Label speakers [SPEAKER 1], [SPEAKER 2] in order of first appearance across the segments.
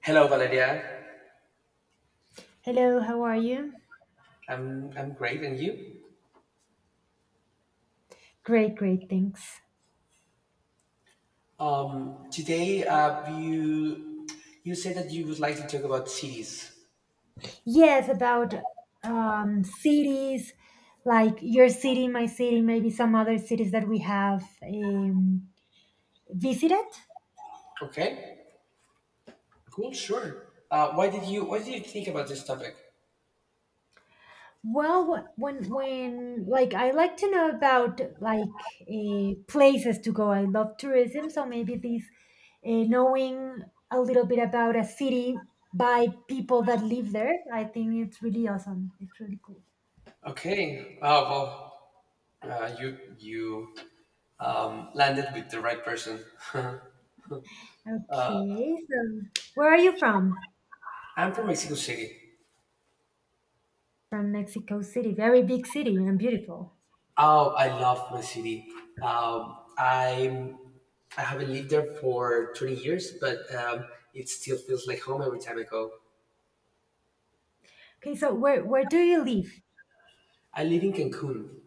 [SPEAKER 1] Hello, Valeria.
[SPEAKER 2] Hello, how are you?
[SPEAKER 1] I'm great, and you?
[SPEAKER 2] Great, great, thanks.
[SPEAKER 1] Today you said that you would like to talk about cities.
[SPEAKER 2] Yes, about cities, like your city, my city, maybe some other cities that we have visited.
[SPEAKER 1] Okay, cool, sure. Why did you What did you think about this topic?
[SPEAKER 2] Well, when like I like to know about places to go. I love tourism, so maybe this knowing a little bit about a city by people that live there, I think it's really awesome. It's really cool.
[SPEAKER 1] Okay. Oh well, you landed with the right person.
[SPEAKER 2] Okay, so where are you from?
[SPEAKER 1] I'm from Mexico City.
[SPEAKER 2] From Mexico City, very big city and beautiful.
[SPEAKER 1] Oh, I love my city. Um, I'm I haven't lived there for 20 years, but it still feels like home every time I go.
[SPEAKER 2] Okay, so where do you live?
[SPEAKER 1] I live in Cancun.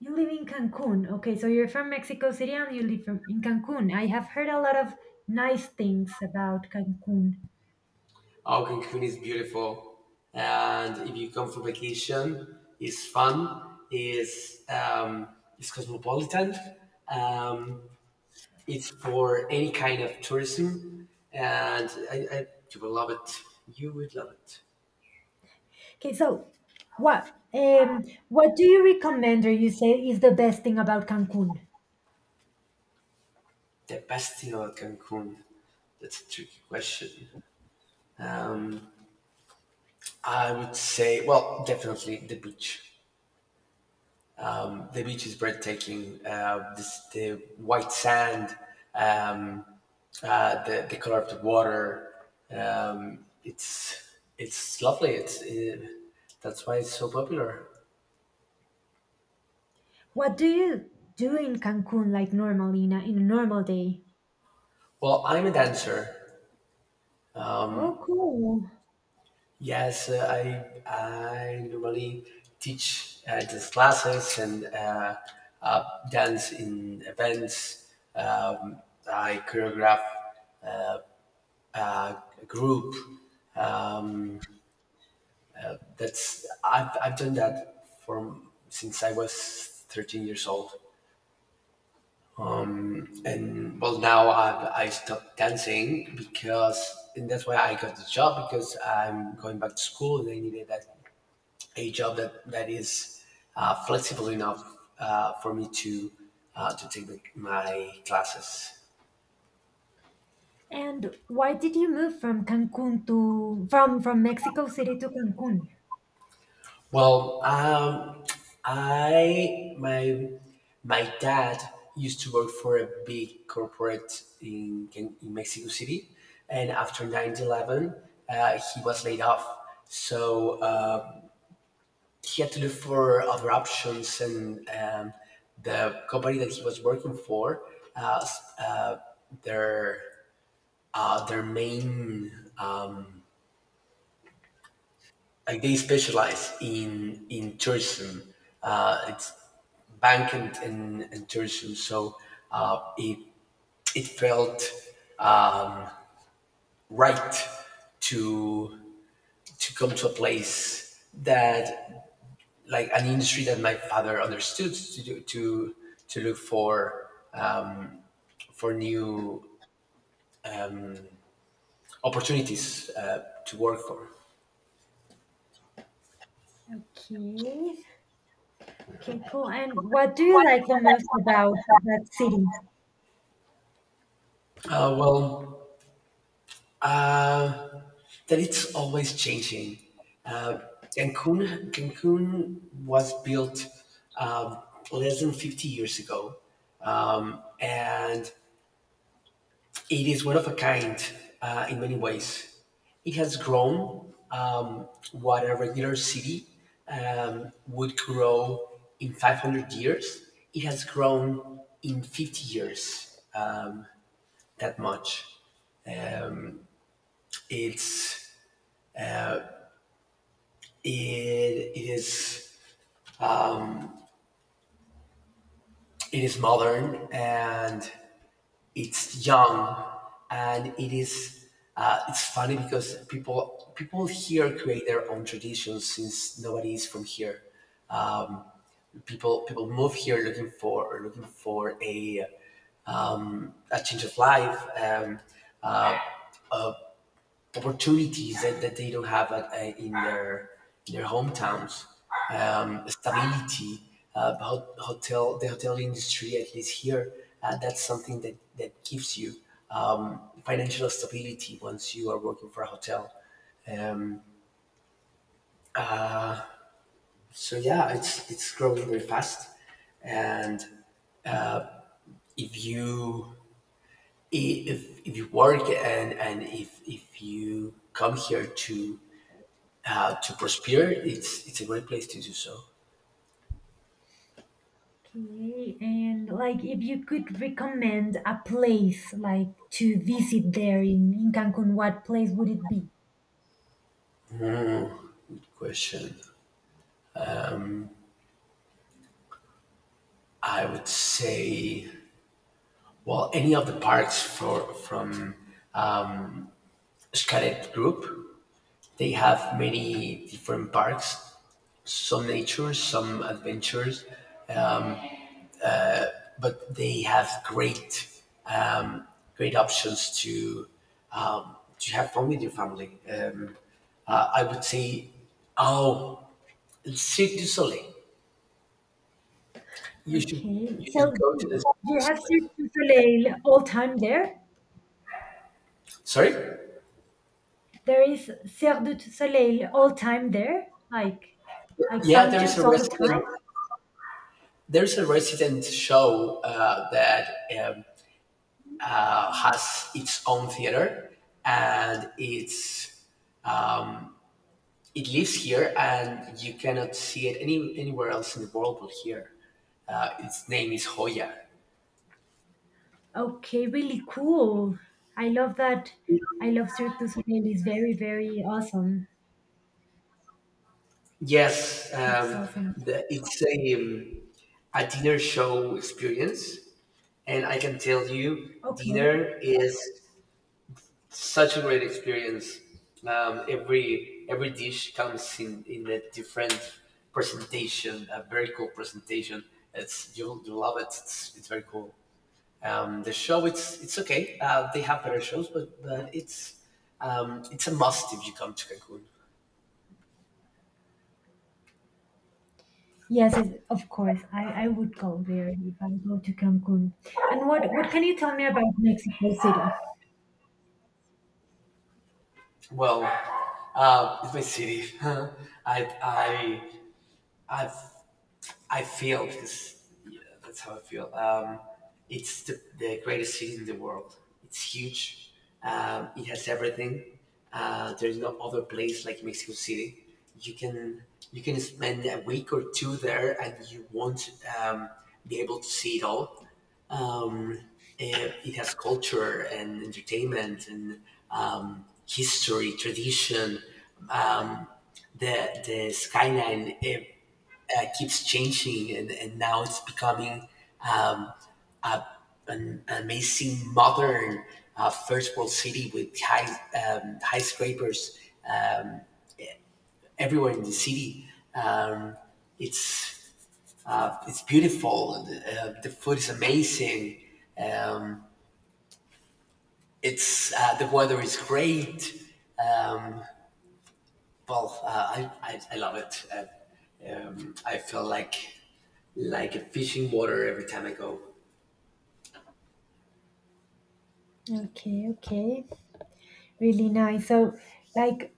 [SPEAKER 2] You live in Cancun. Okay, so you're from Mexico City and you live from in Cancun. I have heard a lot of nice things about Cancun.
[SPEAKER 1] Oh, Cancun is beautiful. And if you come for vacation, it's fun. It's cosmopolitan. Um, it's for any kind of tourism, and I you will love it. You would love it.
[SPEAKER 2] Okay, so what um what do you recommend or you say is the best thing about Cancun?
[SPEAKER 1] The best thing about Cancun. That's a tricky question. I would say, well, definitely the beach. The beach is breathtaking. The white sand, um, the color of the water. It's lovely. It's That's why it's so popular.
[SPEAKER 2] What do you do in Cancun like normally in a normal day?
[SPEAKER 1] Well, I'm a dancer.
[SPEAKER 2] Oh, cool.
[SPEAKER 1] Yes, I normally teach dance classes and uh, dance in events. I choreograph uh, a group. Um, That's I've done that from since I was 13 years old, and well now I stopped dancing because, and that's why I got the job because I'm going back to school and I needed that, a job that that is flexible enough for me to take my classes.
[SPEAKER 2] And why did you move from Mexico City to Cancun?
[SPEAKER 1] Well, I my My dad used to work for a big corporate in Mexico City, and after 9/11, he was laid off. So he had to look for other options, and the company that he was working for, uh, s- uh, their their main like, they specialize in tourism. It's banking and tourism, so uh, it it felt um, right to come to a place that, like an industry that my father understood to do, to look for new opportunities to work for.
[SPEAKER 2] Okay. Okay, cool. And what do you like the most about that city?
[SPEAKER 1] Uh, well, uh, that it's always changing. Uh, Cancun was built um, less than 50 years ago, and it is one of a kind in many ways. It has grown what a regular city would grow in 500 years. It has grown in 50 years that much. It's it, it is it is modern, and it's young, and it is it's funny because people here create their own traditions since nobody is from here. People move here looking for a change of life, opportunities that they don't have at, in their hometowns, stability, about hotel the hotel industry at least here, that's something that gives you financial stability once you are working for a hotel. Um, so yeah, it's growing very fast, and if you if you work, and if you come here to prosper, it's a great place to do so.
[SPEAKER 2] Okay, and like if you could recommend a place like to visit there in Cancun, what place would it be?
[SPEAKER 1] Question. I would say, well, any of the parks for from Scadet Group, they have many different parks, some nature, some adventures, but they have great, um, great options to have fun with your family. I would say, oh, Cirque du Soleil. You should
[SPEAKER 2] Okay,
[SPEAKER 1] you
[SPEAKER 2] so
[SPEAKER 1] should go to the
[SPEAKER 2] do
[SPEAKER 1] Cirque
[SPEAKER 2] you
[SPEAKER 1] du
[SPEAKER 2] have Cirque
[SPEAKER 1] Soleil.
[SPEAKER 2] du Soleil all time there?
[SPEAKER 1] Sorry.
[SPEAKER 2] There is Cirque du Soleil all time there, like
[SPEAKER 1] Yeah, there is
[SPEAKER 2] functions
[SPEAKER 1] a
[SPEAKER 2] all the
[SPEAKER 1] restaurant
[SPEAKER 2] time.
[SPEAKER 1] There's a resident show that has its own theater, and um, it lives here, and you cannot see it anywhere else in the world but here. Its name is Hoya.
[SPEAKER 2] Okay, really cool. I love that. I love Cirque du Soleil. It's very, very awesome.
[SPEAKER 1] Yes,
[SPEAKER 2] It's
[SPEAKER 1] um,
[SPEAKER 2] awesome.
[SPEAKER 1] it's a dinner show experience, and I can tell you,
[SPEAKER 2] Okay.
[SPEAKER 1] dinner is such a great experience. Every dish comes in a different presentation, a very cool presentation. You'll love it. It's very cool. The show it's okay. They have better shows, but it's a must if you come to Cancun.
[SPEAKER 2] Yes, it, of course. I would go there if I go to Cancun. And what can you tell me about Mexico City?
[SPEAKER 1] Well, it's my city. I I've I feel because yeah, that's how I feel. It's the greatest city in the world. It's huge. It has everything. There's no other place like Mexico City. You can you can spend a week or two there, and you won't um, be able to see it all. Um, it has culture and entertainment and history, tradition. Um, the skyline keeps changing, and now it's becoming um, a, an amazing modern first world city with high skyscrapers um, everywhere in the city. um, it's it's beautiful. The food is amazing. Um, it's The weather is great. um, well uh, I love it. I feel like a fish in water every time I go.
[SPEAKER 2] Okay, okay. Really nice. So, like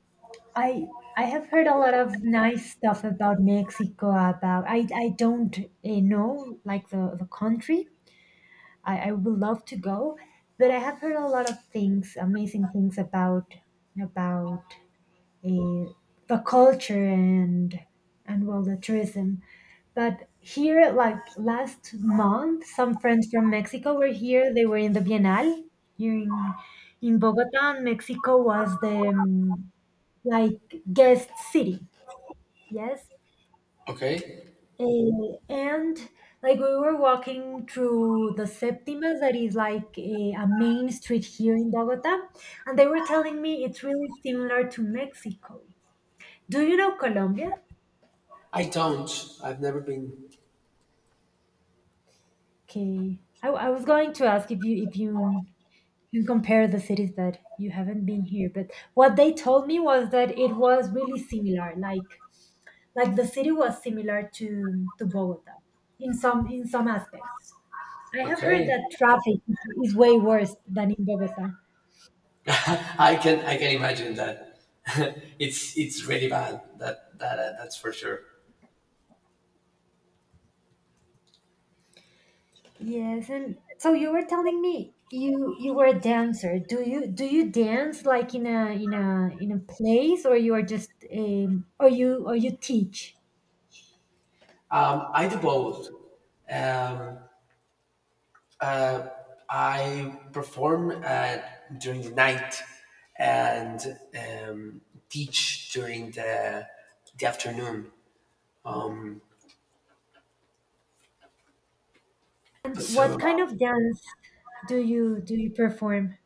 [SPEAKER 2] I have heard a lot of nice stuff about Mexico about I don't know like the country. I would love to go, but I have heard a lot of things, amazing things about about uh, the culture and well the tourism. But here, like last month, some friends from Mexico were here. They were in the Bienal here in Bogota, and Mexico was the like guest city. Yes.
[SPEAKER 1] Okay.
[SPEAKER 2] Eh, and like we were walking through the Septimas, that is like a main street here in Bogota, and they were telling me it's really similar to Mexico. Do you know Colombia?
[SPEAKER 1] I don't. I've never been.
[SPEAKER 2] Okay, I was going to ask if you. You compare the cities that you haven't been here, but what they told me was that it was really similar. Like the city was similar to Bogota in some aspects. I have heard
[SPEAKER 1] Okay.
[SPEAKER 2] that traffic is way worse than in Bogota.
[SPEAKER 1] I can imagine that. It's really bad. That's for sure.
[SPEAKER 2] Yes, and so you were telling me you were a dancer. Do you dance like in a place or you are just or you teach?
[SPEAKER 1] I do both. Um, uh, I perform during the night, and um, teach during the afternoon. Um,
[SPEAKER 2] And what
[SPEAKER 1] so
[SPEAKER 2] kind of dance do you perform?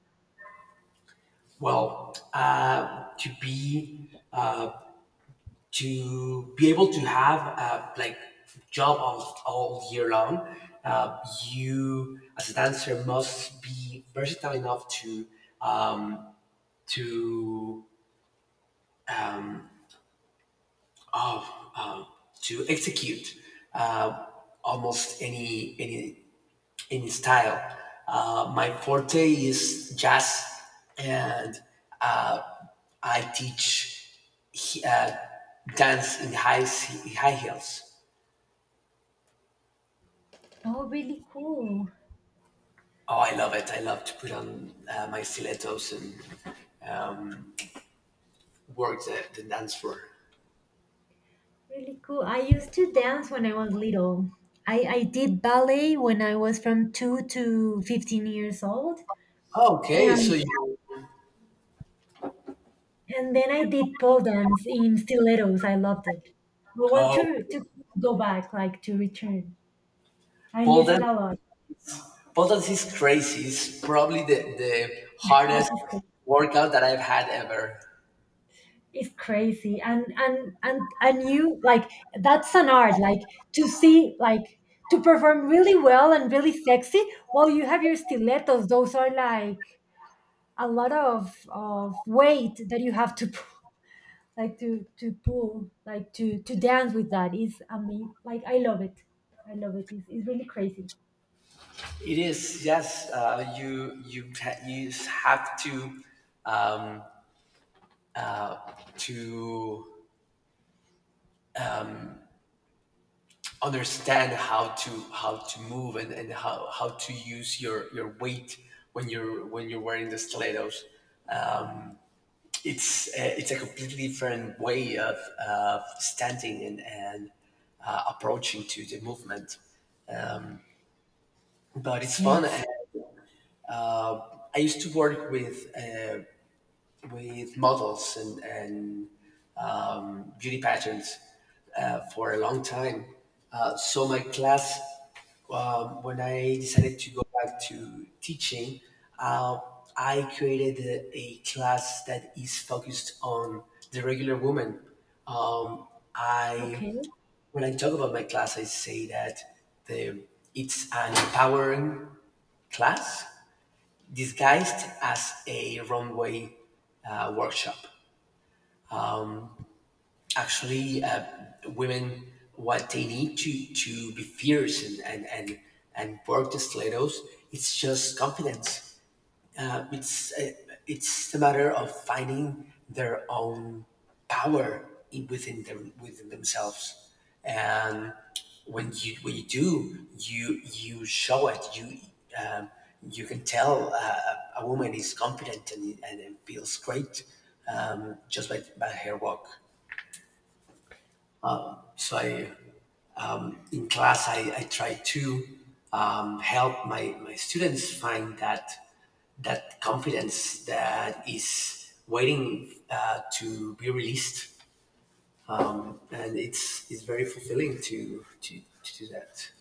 [SPEAKER 1] well, to be able to have a, like, job all year long, uh, you as a dancer must be versatile enough to um, to oh, um, to execute uh, almost any style. My forte is jazz, and uh, I teach uh, dance in high, high heels.
[SPEAKER 2] Oh, really cool.
[SPEAKER 1] Oh, I love it. I love to put on my stilettos and um, work the dance floor.
[SPEAKER 2] Really cool. I used to dance when I was little. I did ballet when I was from 2 to 15 years old.
[SPEAKER 1] Oh, okay, so
[SPEAKER 2] And
[SPEAKER 1] you,
[SPEAKER 2] and then I did pole dance in stilettos. I loved it. I want
[SPEAKER 1] oh,
[SPEAKER 2] to go back, like to return. I
[SPEAKER 1] Pole
[SPEAKER 2] miss it
[SPEAKER 1] dance,
[SPEAKER 2] a lot.
[SPEAKER 1] pole dance is crazy. It's probably the
[SPEAKER 2] This
[SPEAKER 1] hardest
[SPEAKER 2] is crazy.
[SPEAKER 1] workout that I've had ever.
[SPEAKER 2] It's crazy. And you like that's an art, like to see like to perform really well and really sexy while you have your stilettos. Those are like a lot of weight that you have to like to pull like to dance with that is amazing like I love it, I love it. It's really crazy.
[SPEAKER 1] It is, yes. You have to to understand how to move, and how to use your weight when you're wearing the stilettos. It's a completely different way of standing, and approaching to the movement, but it's fun, and,
[SPEAKER 2] Yes.
[SPEAKER 1] uh, I used to work with models and beauty pageants for a long time. My class, when I decided to go back to teaching, uh, I created a class that is focused on the regular woman. Um, I
[SPEAKER 2] Okay,
[SPEAKER 1] When I talk about my class, I say that the it's an empowering class disguised as a runway workshop. Actually Women, what they need to be fierce and and work the stilettos, it's just confidence. uh, it's uh, it's a matter of finding their own power in, within them, within themselves. And when you do, you show it. Um, you can tell a woman is confident and feels great just by her walk. So I In class, I try to help my, my students find that confidence that is waiting to be released, and it's very fulfilling to do that.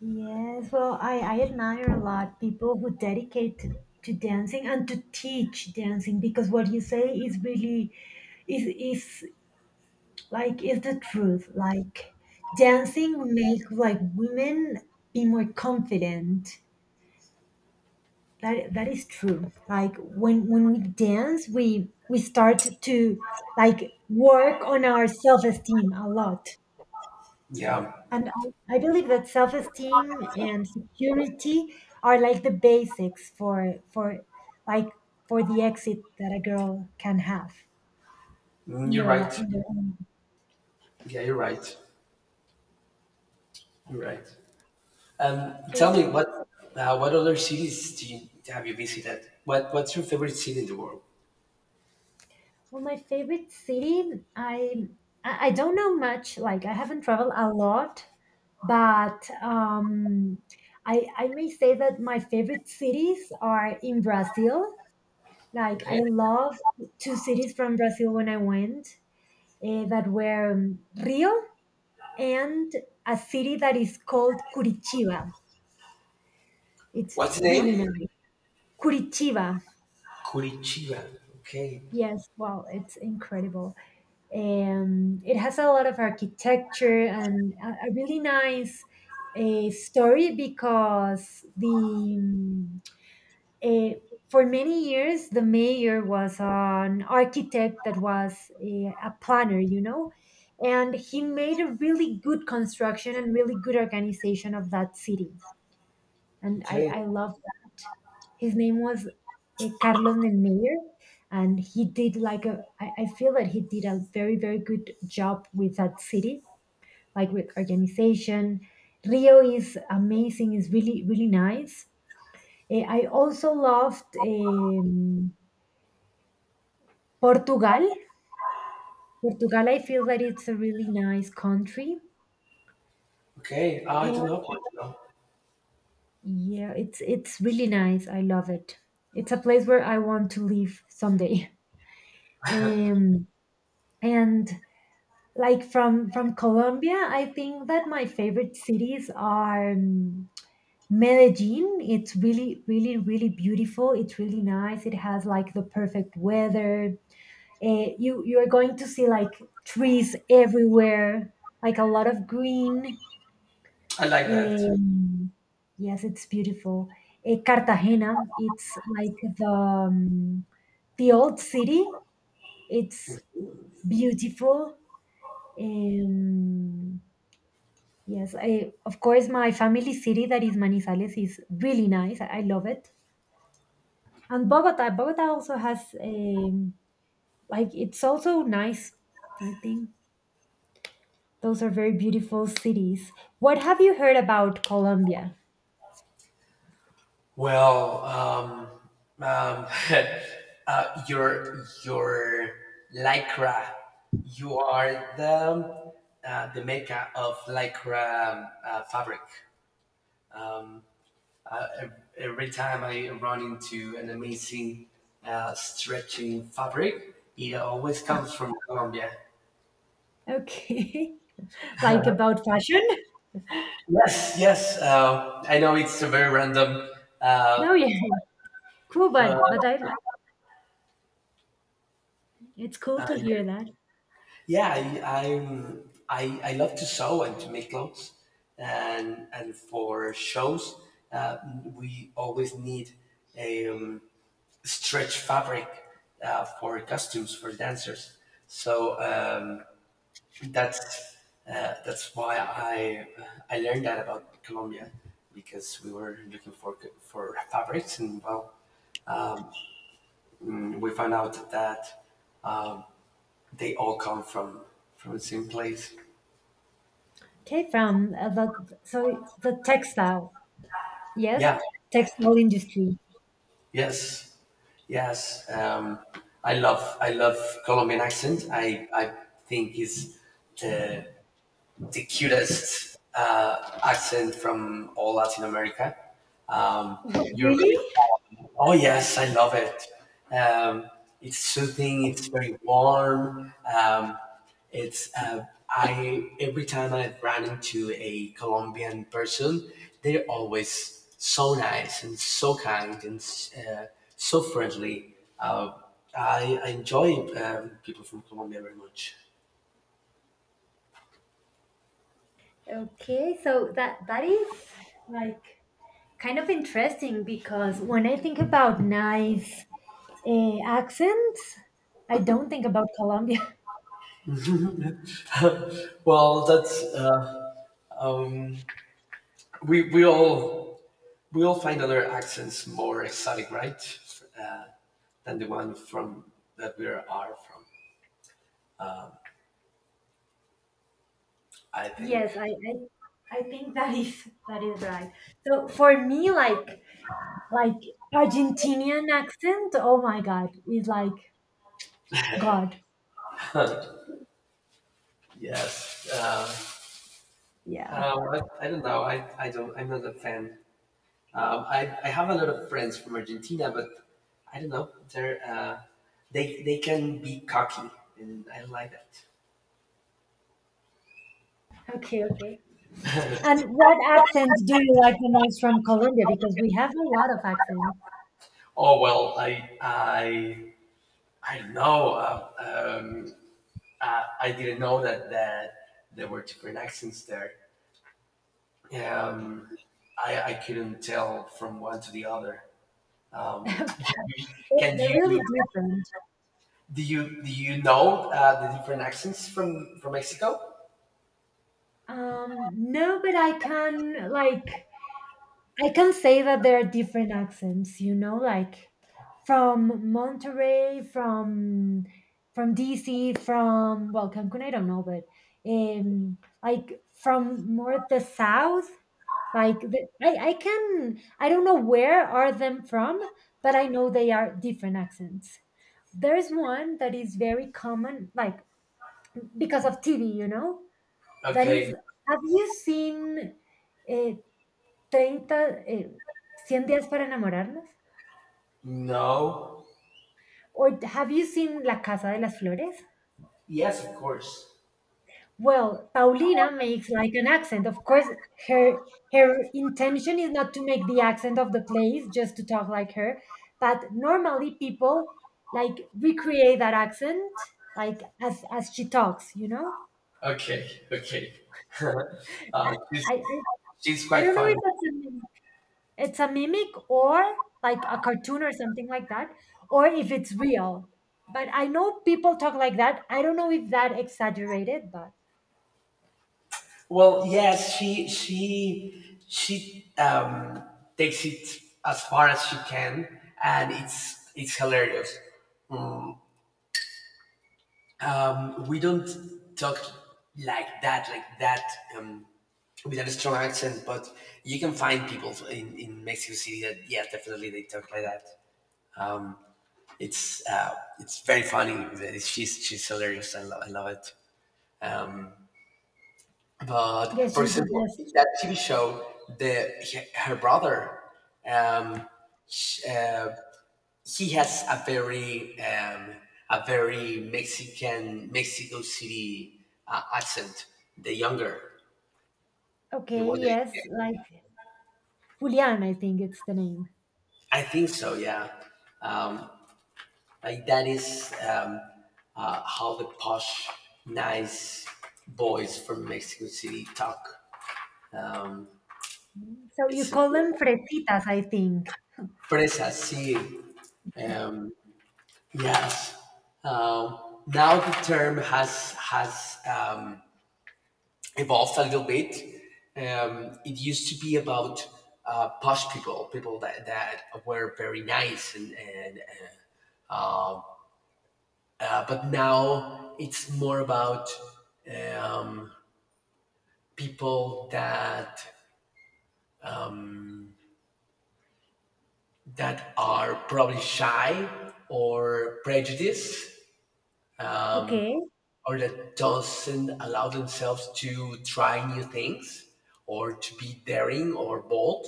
[SPEAKER 2] yes. Well, I admire a lot people who dedicate to dancing and to teach dancing because what you say is really is like is the truth, like dancing make like women be more confident. That that is true. Like when we dance, we start to like work on our self-esteem a lot.
[SPEAKER 1] Yeah.
[SPEAKER 2] And I believe that self-esteem and security are like the basics for like for the exit that a girl can have
[SPEAKER 1] Mm,
[SPEAKER 2] in
[SPEAKER 1] you're
[SPEAKER 2] their
[SPEAKER 1] right.
[SPEAKER 2] in their own
[SPEAKER 1] Yeah, you're right. You're right. Tell
[SPEAKER 2] cases.
[SPEAKER 1] me what other cities do you, have you visited? What what's your favorite city in the world?
[SPEAKER 2] Well, my favorite city, I don't know much. Like I haven't traveled a lot, but I may say that my favorite cities are in Brazil. Like
[SPEAKER 1] Okay,
[SPEAKER 2] I love two cities from Brazil when I went, eh, that were Rio and a city that is called Curitiba. It's
[SPEAKER 1] what's the
[SPEAKER 2] really
[SPEAKER 1] name?
[SPEAKER 2] nice. Curitiba.
[SPEAKER 1] Curitiba. Okay,
[SPEAKER 2] Yes, wow, it's incredible. It has a lot of architecture and a really nice a story because the, uh, for many years, the mayor was an architect that was a planner, you know, and he made a really good construction and really good organization of that city. And
[SPEAKER 1] okay.
[SPEAKER 2] I love that. His name was Carlos del Mayor, and he did like a, I feel that he did a very, very good job with that city, like with organization. Rio is amazing, is really, really nice. Eh, I also loved Portugal. Portugal, I feel that it's a really nice country,
[SPEAKER 1] Okay, I do
[SPEAKER 2] and
[SPEAKER 1] not want to know.
[SPEAKER 2] yeah, it's really nice. I love it. It's a place where I want to live someday. Um, and like from Colombia, I think that my favorite cities are Medellin. It's really, really, really beautiful. It's really nice. It has like the perfect weather. Uh, you you're going to see like trees everywhere like a lot of green.
[SPEAKER 1] I like that.
[SPEAKER 2] Um, yes, it's beautiful. Eh, cartagena, it's like the old city. It's beautiful. Um, yes, I, of course my family city that is manizales is really nice. I love it. And bogota also has like it's also nice, I think. Those are very beautiful cities. What have you heard about Colombia?
[SPEAKER 1] Well, um, your lycra, you are the maker of lycra fabric. Um, every time I run into an amazing stretching fabric, it always comes from Colombia.
[SPEAKER 2] Okay. Like about fashion?
[SPEAKER 1] Yes, yes. I know it's very random, uh,
[SPEAKER 2] No, yeah. Cool, but
[SPEAKER 1] but
[SPEAKER 2] I like it's cool
[SPEAKER 1] uh,
[SPEAKER 2] to hear that.
[SPEAKER 1] yeah, I I'm, I love to sew and to make clothes, and for shows, uh, we always need um, stretch fabric for costumes for dancers. So that's that's why I learned that about Colombia, because we were looking for fabrics, and well, mm, we found out that they all come from the same place.
[SPEAKER 2] Okay, from the so the textile. Yes,
[SPEAKER 1] Yeah.
[SPEAKER 2] textile industry.
[SPEAKER 1] Yes. Yes, I love Colombian accent. I think it's the the cutest accent from all Latin America. Um, you're
[SPEAKER 2] Really?
[SPEAKER 1] very calm. Oh yes, I love it. Um, it's soothing. It's very warm. It's I, every time I've run into a Colombian person, they're always so nice and so kind and uh, so friendly. I enjoy people from Colombia very much.
[SPEAKER 2] Okay, so that that is like kind of interesting because when I think about nice accents, I don't think about Colombia.
[SPEAKER 1] well, that's. Um, we we all we all find other accents more exotic, right, uh, than the one from that we are from. I think.
[SPEAKER 2] Yes, I think that is right. So for me, like Argentinian accent, oh my god, is like God.
[SPEAKER 1] yes.
[SPEAKER 2] Yeah.
[SPEAKER 1] I don't know. I don't. I'm not a fan. I have a lot of friends from Argentina, but I don't know. They they can be cocky, and I don't like that.
[SPEAKER 2] Okay, okay. And what accent do you like the most from Colombia? Because we have a lot of accents.
[SPEAKER 1] Oh well, I don't know. I didn't know that there were different accents there. Um, I couldn't tell from one to the other. Um,
[SPEAKER 2] Okay.
[SPEAKER 1] can
[SPEAKER 2] They're
[SPEAKER 1] you
[SPEAKER 2] really different.
[SPEAKER 1] do you do you know the different accents from Mexico?
[SPEAKER 2] No, but I can like I can say that there are different accents, you know, like from Monterey, from DC, from well, Cancun, I don't know, but like from more the south, like the, I can I don't know where are them from, but I know they are different accents. There's one that is very common, like because of TV, you know, that is.
[SPEAKER 1] Okay,
[SPEAKER 2] Have you seen? Uh, 30, eh, 100 días para enamorarnos?
[SPEAKER 1] no,
[SPEAKER 2] Or have you seen La Casa de las Flores?
[SPEAKER 1] yes, of course.
[SPEAKER 2] Well, Paulina makes like an accent. Of course, her her intention is not to make the accent of the place, just to talk like her. But normally people like recreate that accent like as she talks, you know?
[SPEAKER 1] Okay, okay. uh, she's,
[SPEAKER 2] I I,
[SPEAKER 1] she's
[SPEAKER 2] I
[SPEAKER 1] quite
[SPEAKER 2] don't know
[SPEAKER 1] funny.
[SPEAKER 2] if that's a it's a mimic or like a cartoon or something like that, or if it's real. But I know people talk like that. I don't know if that exaggerated, but
[SPEAKER 1] Well, yes, she takes it as far as she can, and it's hilarious. We don't talk like that, um, with a strong accent. But you can find people in Mexico City that, yeah, definitely they talk like that. It's uh, it's very funny. She's hilarious. I love it. Um, But
[SPEAKER 2] guess
[SPEAKER 1] for
[SPEAKER 2] she's the
[SPEAKER 1] example,
[SPEAKER 2] best.
[SPEAKER 1] in that TV show, the he- her brother, um, sh he has a very a very Mexican Mexico City accent. The younger, the
[SPEAKER 2] Okay,
[SPEAKER 1] one that is gay.
[SPEAKER 2] yes, like Julian, I think it's the name.
[SPEAKER 1] I think so. Yeah, um, like, that is how the posh, nice boys from Mexico City talk. Um,
[SPEAKER 2] So you
[SPEAKER 1] it's
[SPEAKER 2] call them fresitas, I think.
[SPEAKER 1] presas, sí. um, Yes. Now the term has evolved a little bit. It used to be about posh people, people that, that were very nice, and uh, um, but now it's more about um, people that are probably shy or prejudiced,
[SPEAKER 2] Okay,
[SPEAKER 1] or that doesn't allow themselves to try new things or to be daring or bold.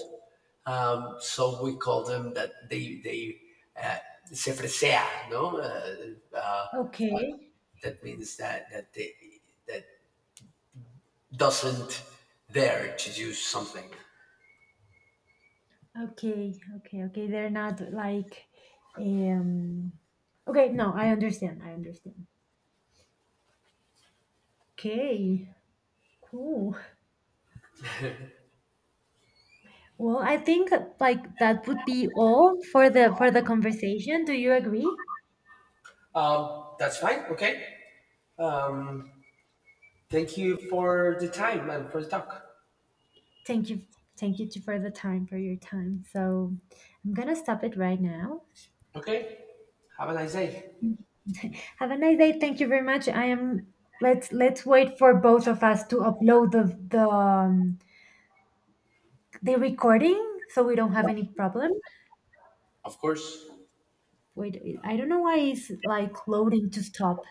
[SPEAKER 1] We call them that they uh, se fresea, no?
[SPEAKER 2] okay,
[SPEAKER 1] That means that that they that doesn't dare to do something.
[SPEAKER 2] okay, okay, okay. They're not like, um, okay. No, I understand. I understand. Okay, cool. Well, I think like that would be all for the conversation. Do you agree?
[SPEAKER 1] That's fine. Okay. Um, Thank you for the time and for the talk.
[SPEAKER 2] Thank you. Thank you for the time, for your time. So I'm gonna stop it right now.
[SPEAKER 1] Okay. Have a nice day.
[SPEAKER 2] Have a nice day. Thank you very much. I am. Let's wait for both of us to upload the the um, the recording so we don't have any problem.
[SPEAKER 1] Of course.
[SPEAKER 2] Wait, I don't know why it's like loading to stop.